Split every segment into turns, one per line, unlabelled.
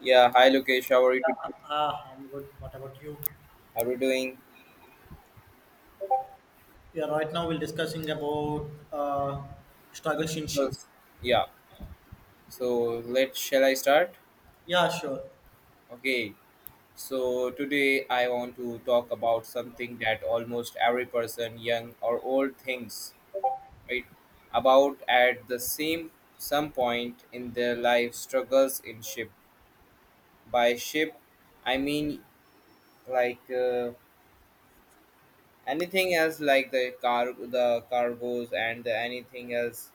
Yeah, hi Lokesh, how are you?
Yeah, I'm good. What about you?
How are you doing?
Yeah, right now we're discussing about struggles in shape.
Struggles. Yeah, so let shall I start?
Yeah, sure.
Okay, so today I want to talk about something that almost every person, young or old, thinks right about at the same some point in their life, struggles in ship. By ship, I mean like anything else, like the car, the cargos, and the anything else,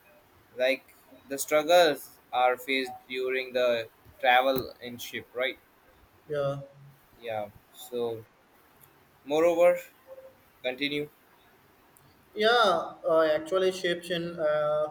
like the struggles are faced during the travel in ship, right?
Yeah,
Yeah, so moreover, continue.
yeah. Actually, shapes in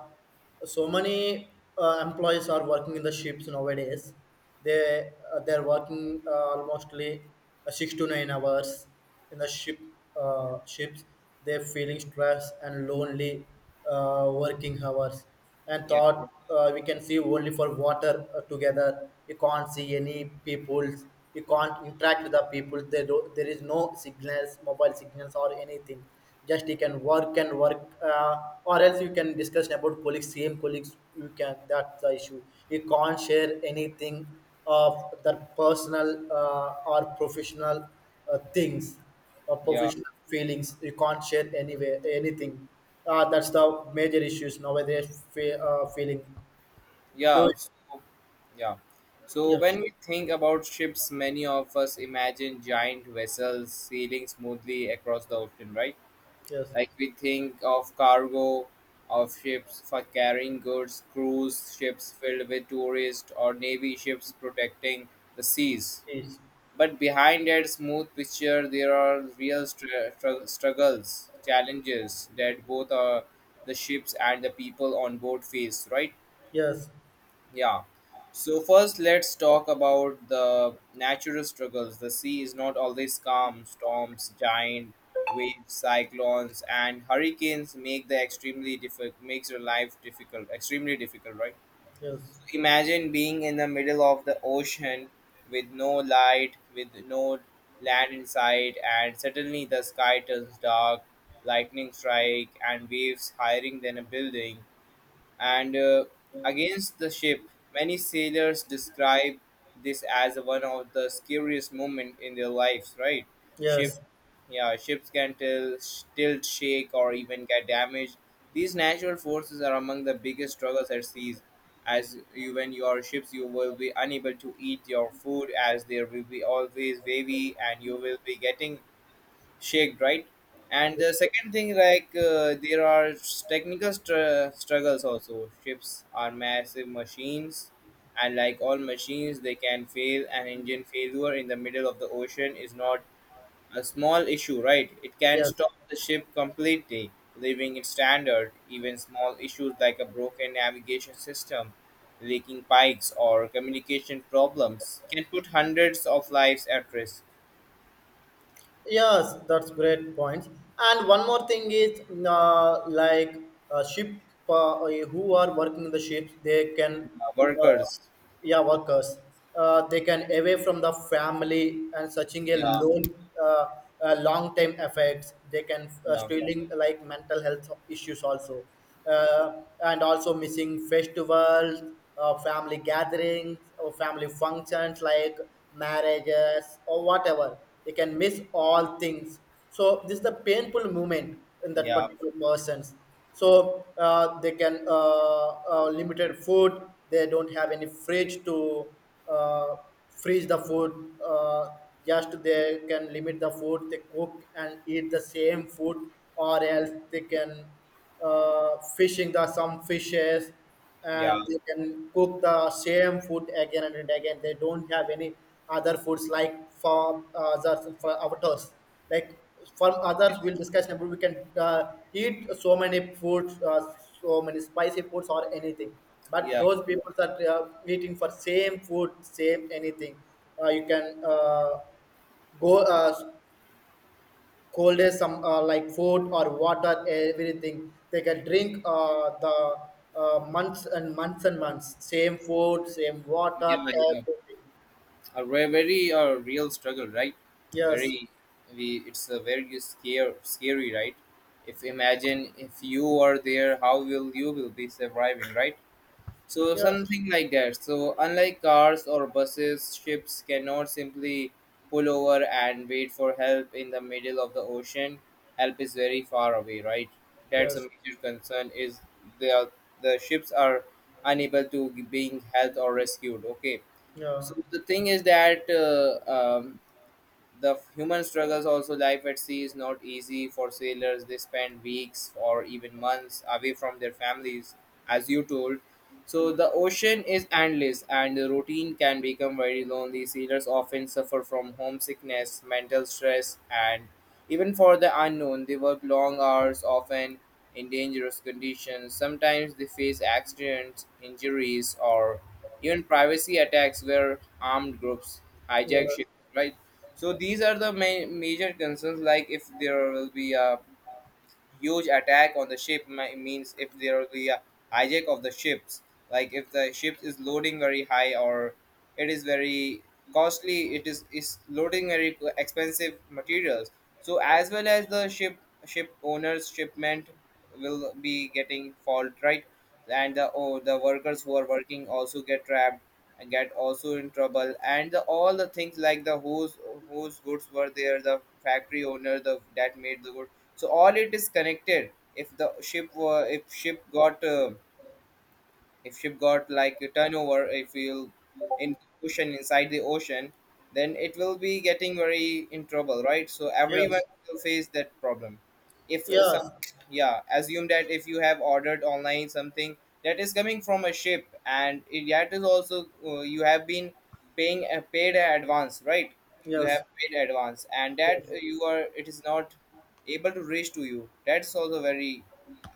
so many employees are working in the ships nowadays. They're working almostly 6 to 9 hours in the ship ships. They're feeling stress and lonely, working hours, and
Yeah,
thought we can see only for water, together you can't see any peoples, you can't interact with the people there, do, there is no signals, mobile signals or anything. Just you can work and work, or else you can discuss about colleagues, same colleagues you can, that's the issue. You can't share anything of the personal or professional things,
yeah,
professional feelings. You can't share anywhere anything. That's the major issues nowadays. Feeling. Do
yeah. So, yeah, so
yes,
when we think about ships, many of us imagine giant vessels sailing smoothly across the ocean, right?
yes,
Like, we think of cargo of ships for carrying goods, cruise ships filled with tourists, or navy ships protecting the seas.
yes,
But behind that smooth picture, there are real struggles, challenges that both the ships and the people on board face, right?
yes,
Yeah. So, first, let's talk about the natural struggles. The sea is not always calm. Storms, giant waves, cyclones, and hurricanes make the extremely difficult, makes your life difficult, extremely difficult, right?
yes,
Imagine being in the middle of the ocean with no light, with no land in sight, and suddenly the sky turns dark, lightning strike, and waves higher than a building, and against the ship. Many sailors describe this as one of the scariest moments in their lives, right? Ship,
yes,
yeah, ships can tilt, shake, or even get damaged. These natural forces are among the biggest struggles at seas. As you, when you are ships, you will be unable to eat your food as there will be always wavy, and you will be getting shaked, right? And the second thing, like there are technical struggles also. Ships are massive machines, and like all machines, they can fail. An engine failure in the middle of the ocean is not a small issue, right? It can
yes.
stop the ship completely, leaving it standard. Even small issues like a broken navigation system, leaking pipes, or communication problems can put hundreds of lives at risk.
Yes, that's great points. And one more thing is, like ship, uh, who are working in the ships, they can, uh,
Workers.
yeah, workers. They can away from the family and searching a
Yeah,
loan, uh, long time effects. They can
yeah.
stealing like mental health issues also, and also missing festivals, family gatherings, or family functions like marriages or whatever. You can miss all things. So this is the painful moment in that
Yeah,
particular persons. So they can limited food. They don't have any fridge to uh, freeze the food. Just they can limit the food. They cook and eat the same food, or else they can fishing the some fishes
yeah,
and they can cook the same food again and again. They don't have any other foods like for the, for avatars, like from others
yes.
we'll discuss in, we can eat so many foods, so many spicy foods or anything, but
Yeah,
those people that are eating for same food same anything. You can go cold is some like food or water everything. They can drink the months and months and months same food same water
yeah, yeah.
everything.
A very real struggle, right?
Yes,
Very, we. It's a very scary, right? If imagine, if you are there, how will you will be surviving, right? So
yes,
something like that. So unlike cars or buses, ships cannot simply pull over and wait for help in the middle of the ocean. Help is very far away, right? That's a
yes,
major concern. Is the the ships are unable to being helped or rescued. Okay.
yeah,
So the thing is that the human struggles also, life at sea is not easy for sailors. They spend weeks or even months away from their families, as you told. So the ocean is endless and the routine can become very lonely. Sailors often suffer from homesickness, mental stress, and even for the unknown. They work long hours, often in dangerous conditions. Sometimes they face accidents, injuries, or even privacy attacks where armed groups hijack
yes,
ships, right? So these are the major concerns. Like, if there will be a huge attack on the ship, means if there will be a hijack of the ships, like if the ship is loading very high, or it is very costly, it is loading very expensive materials, so as well as the ship, ship owners, shipment will be getting fault, right? And the oh, the workers who are working also get trapped and get also in trouble, and all the things, like the whose goods were there, the factory owner, the that made the good. So all it is connected. If ship got like a turnover, if we'll in ocean, inside the ocean, then it will be getting very in trouble, right? So everyone
yes,
will face that problem. If some,
yes,
Yeah, assume that if you have ordered online something that is coming from a ship, and it, that is also you have been paying a paid advance, right? You have
yes,
paid advance, and that
yes.
you are, it is not able to reach to you. That's also very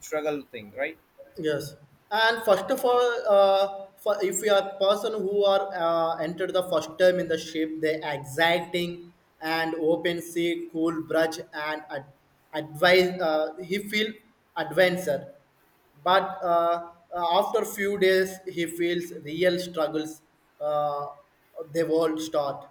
struggle thing, right?
Yes, and first of all, for if you are person who are entered the first time in the ship, they exciting and open sea, cool brush and advise. He feel adventure, but after few days he feels real struggles. uh, they will not start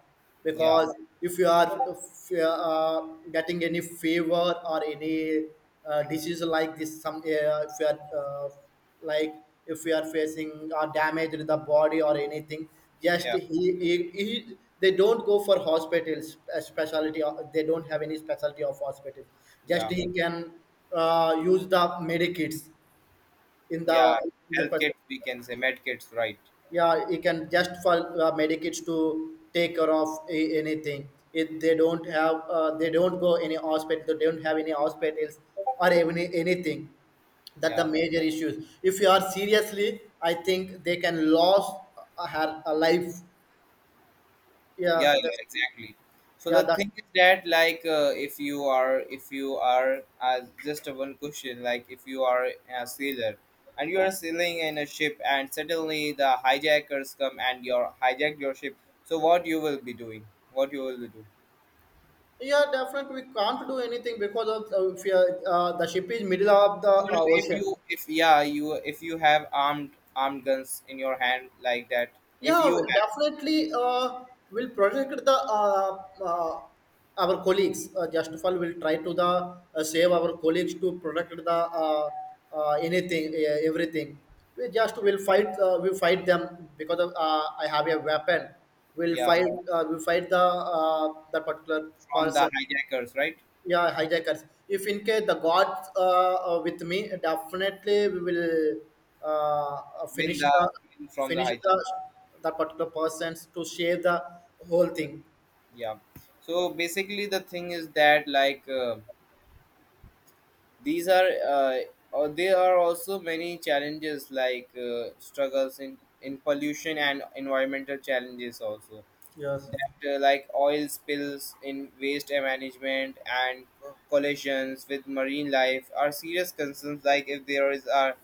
Yeah,
because if you are, if you are, getting any fever or any disease like this, some if you are like, if you are facing or damage in the body or anything, just
yeah,
he they don't go for hospitals, specialty, they don't have any specialty of hospital. Just
yeah.
he can use the medikits in
Yeah,
the, in the
health
part-
kits, we can say med kits, right?
yeah you can just for medicates to take care of a, anything. If they don't have, they don't go any hospital, they don't have any hospitals or even anything. That the
Yeah,
major issues, if you are seriously, I think they can lose her a life. Yeah,
yeah, yeah,
that's,
exactly. So
yeah
the
that's,
thing is that, like if you are, if you are just a one question. Like, if you are a sailor and you are sailing in a ship and suddenly the hijackers come and your hijack your ship. So what you will be doing? What you will be doing?
yeah definitely we can't do anything because of, if you are, the ship is middle of the
You know, if
ocean.
you if yeah, you if you have armed guns in your hand, like that, if
Yeah,
you
we'll
have,
definitely. We'll protect the uh, our colleagues. Just of all, we'll try to the save our colleagues, to protect the anything, everything. We just will fight. We fight them because of, I have a weapon. We'll
yeah,
fight. We fight the that particular
from the
person.
hijackers, right?
Yeah, hijackers, if in case the gods are with me, definitely we will
Win
finish
the
the,
win from the
finish
hijack.
the, that particular persons to save the whole thing.
Yeah. So basically, the thing is that, like these are uh, or there are also many challenges, like struggles in pollution and environmental challenges also,
Yes.
that like oil spills in waste management and collisions with marine life are serious concerns. Like, if there is are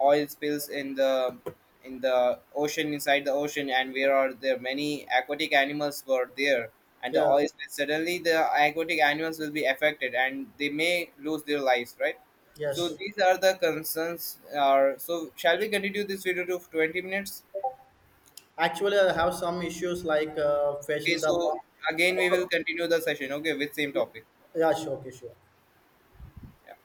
oil spills in the ocean, inside the ocean, and where are there many aquatic animals were there, and the
Yeah,
oil spills, suddenly the aquatic animals will be affected and they may lose their lives, right? So
yes,
these are the concerns. Are, so shall we continue this video to 20 minutes?
actually I have some issues like
Okay,
facing the
so again we will continue the session, okay, with same
yeah,
topic.
yeah sure, okay sure.
Yeah.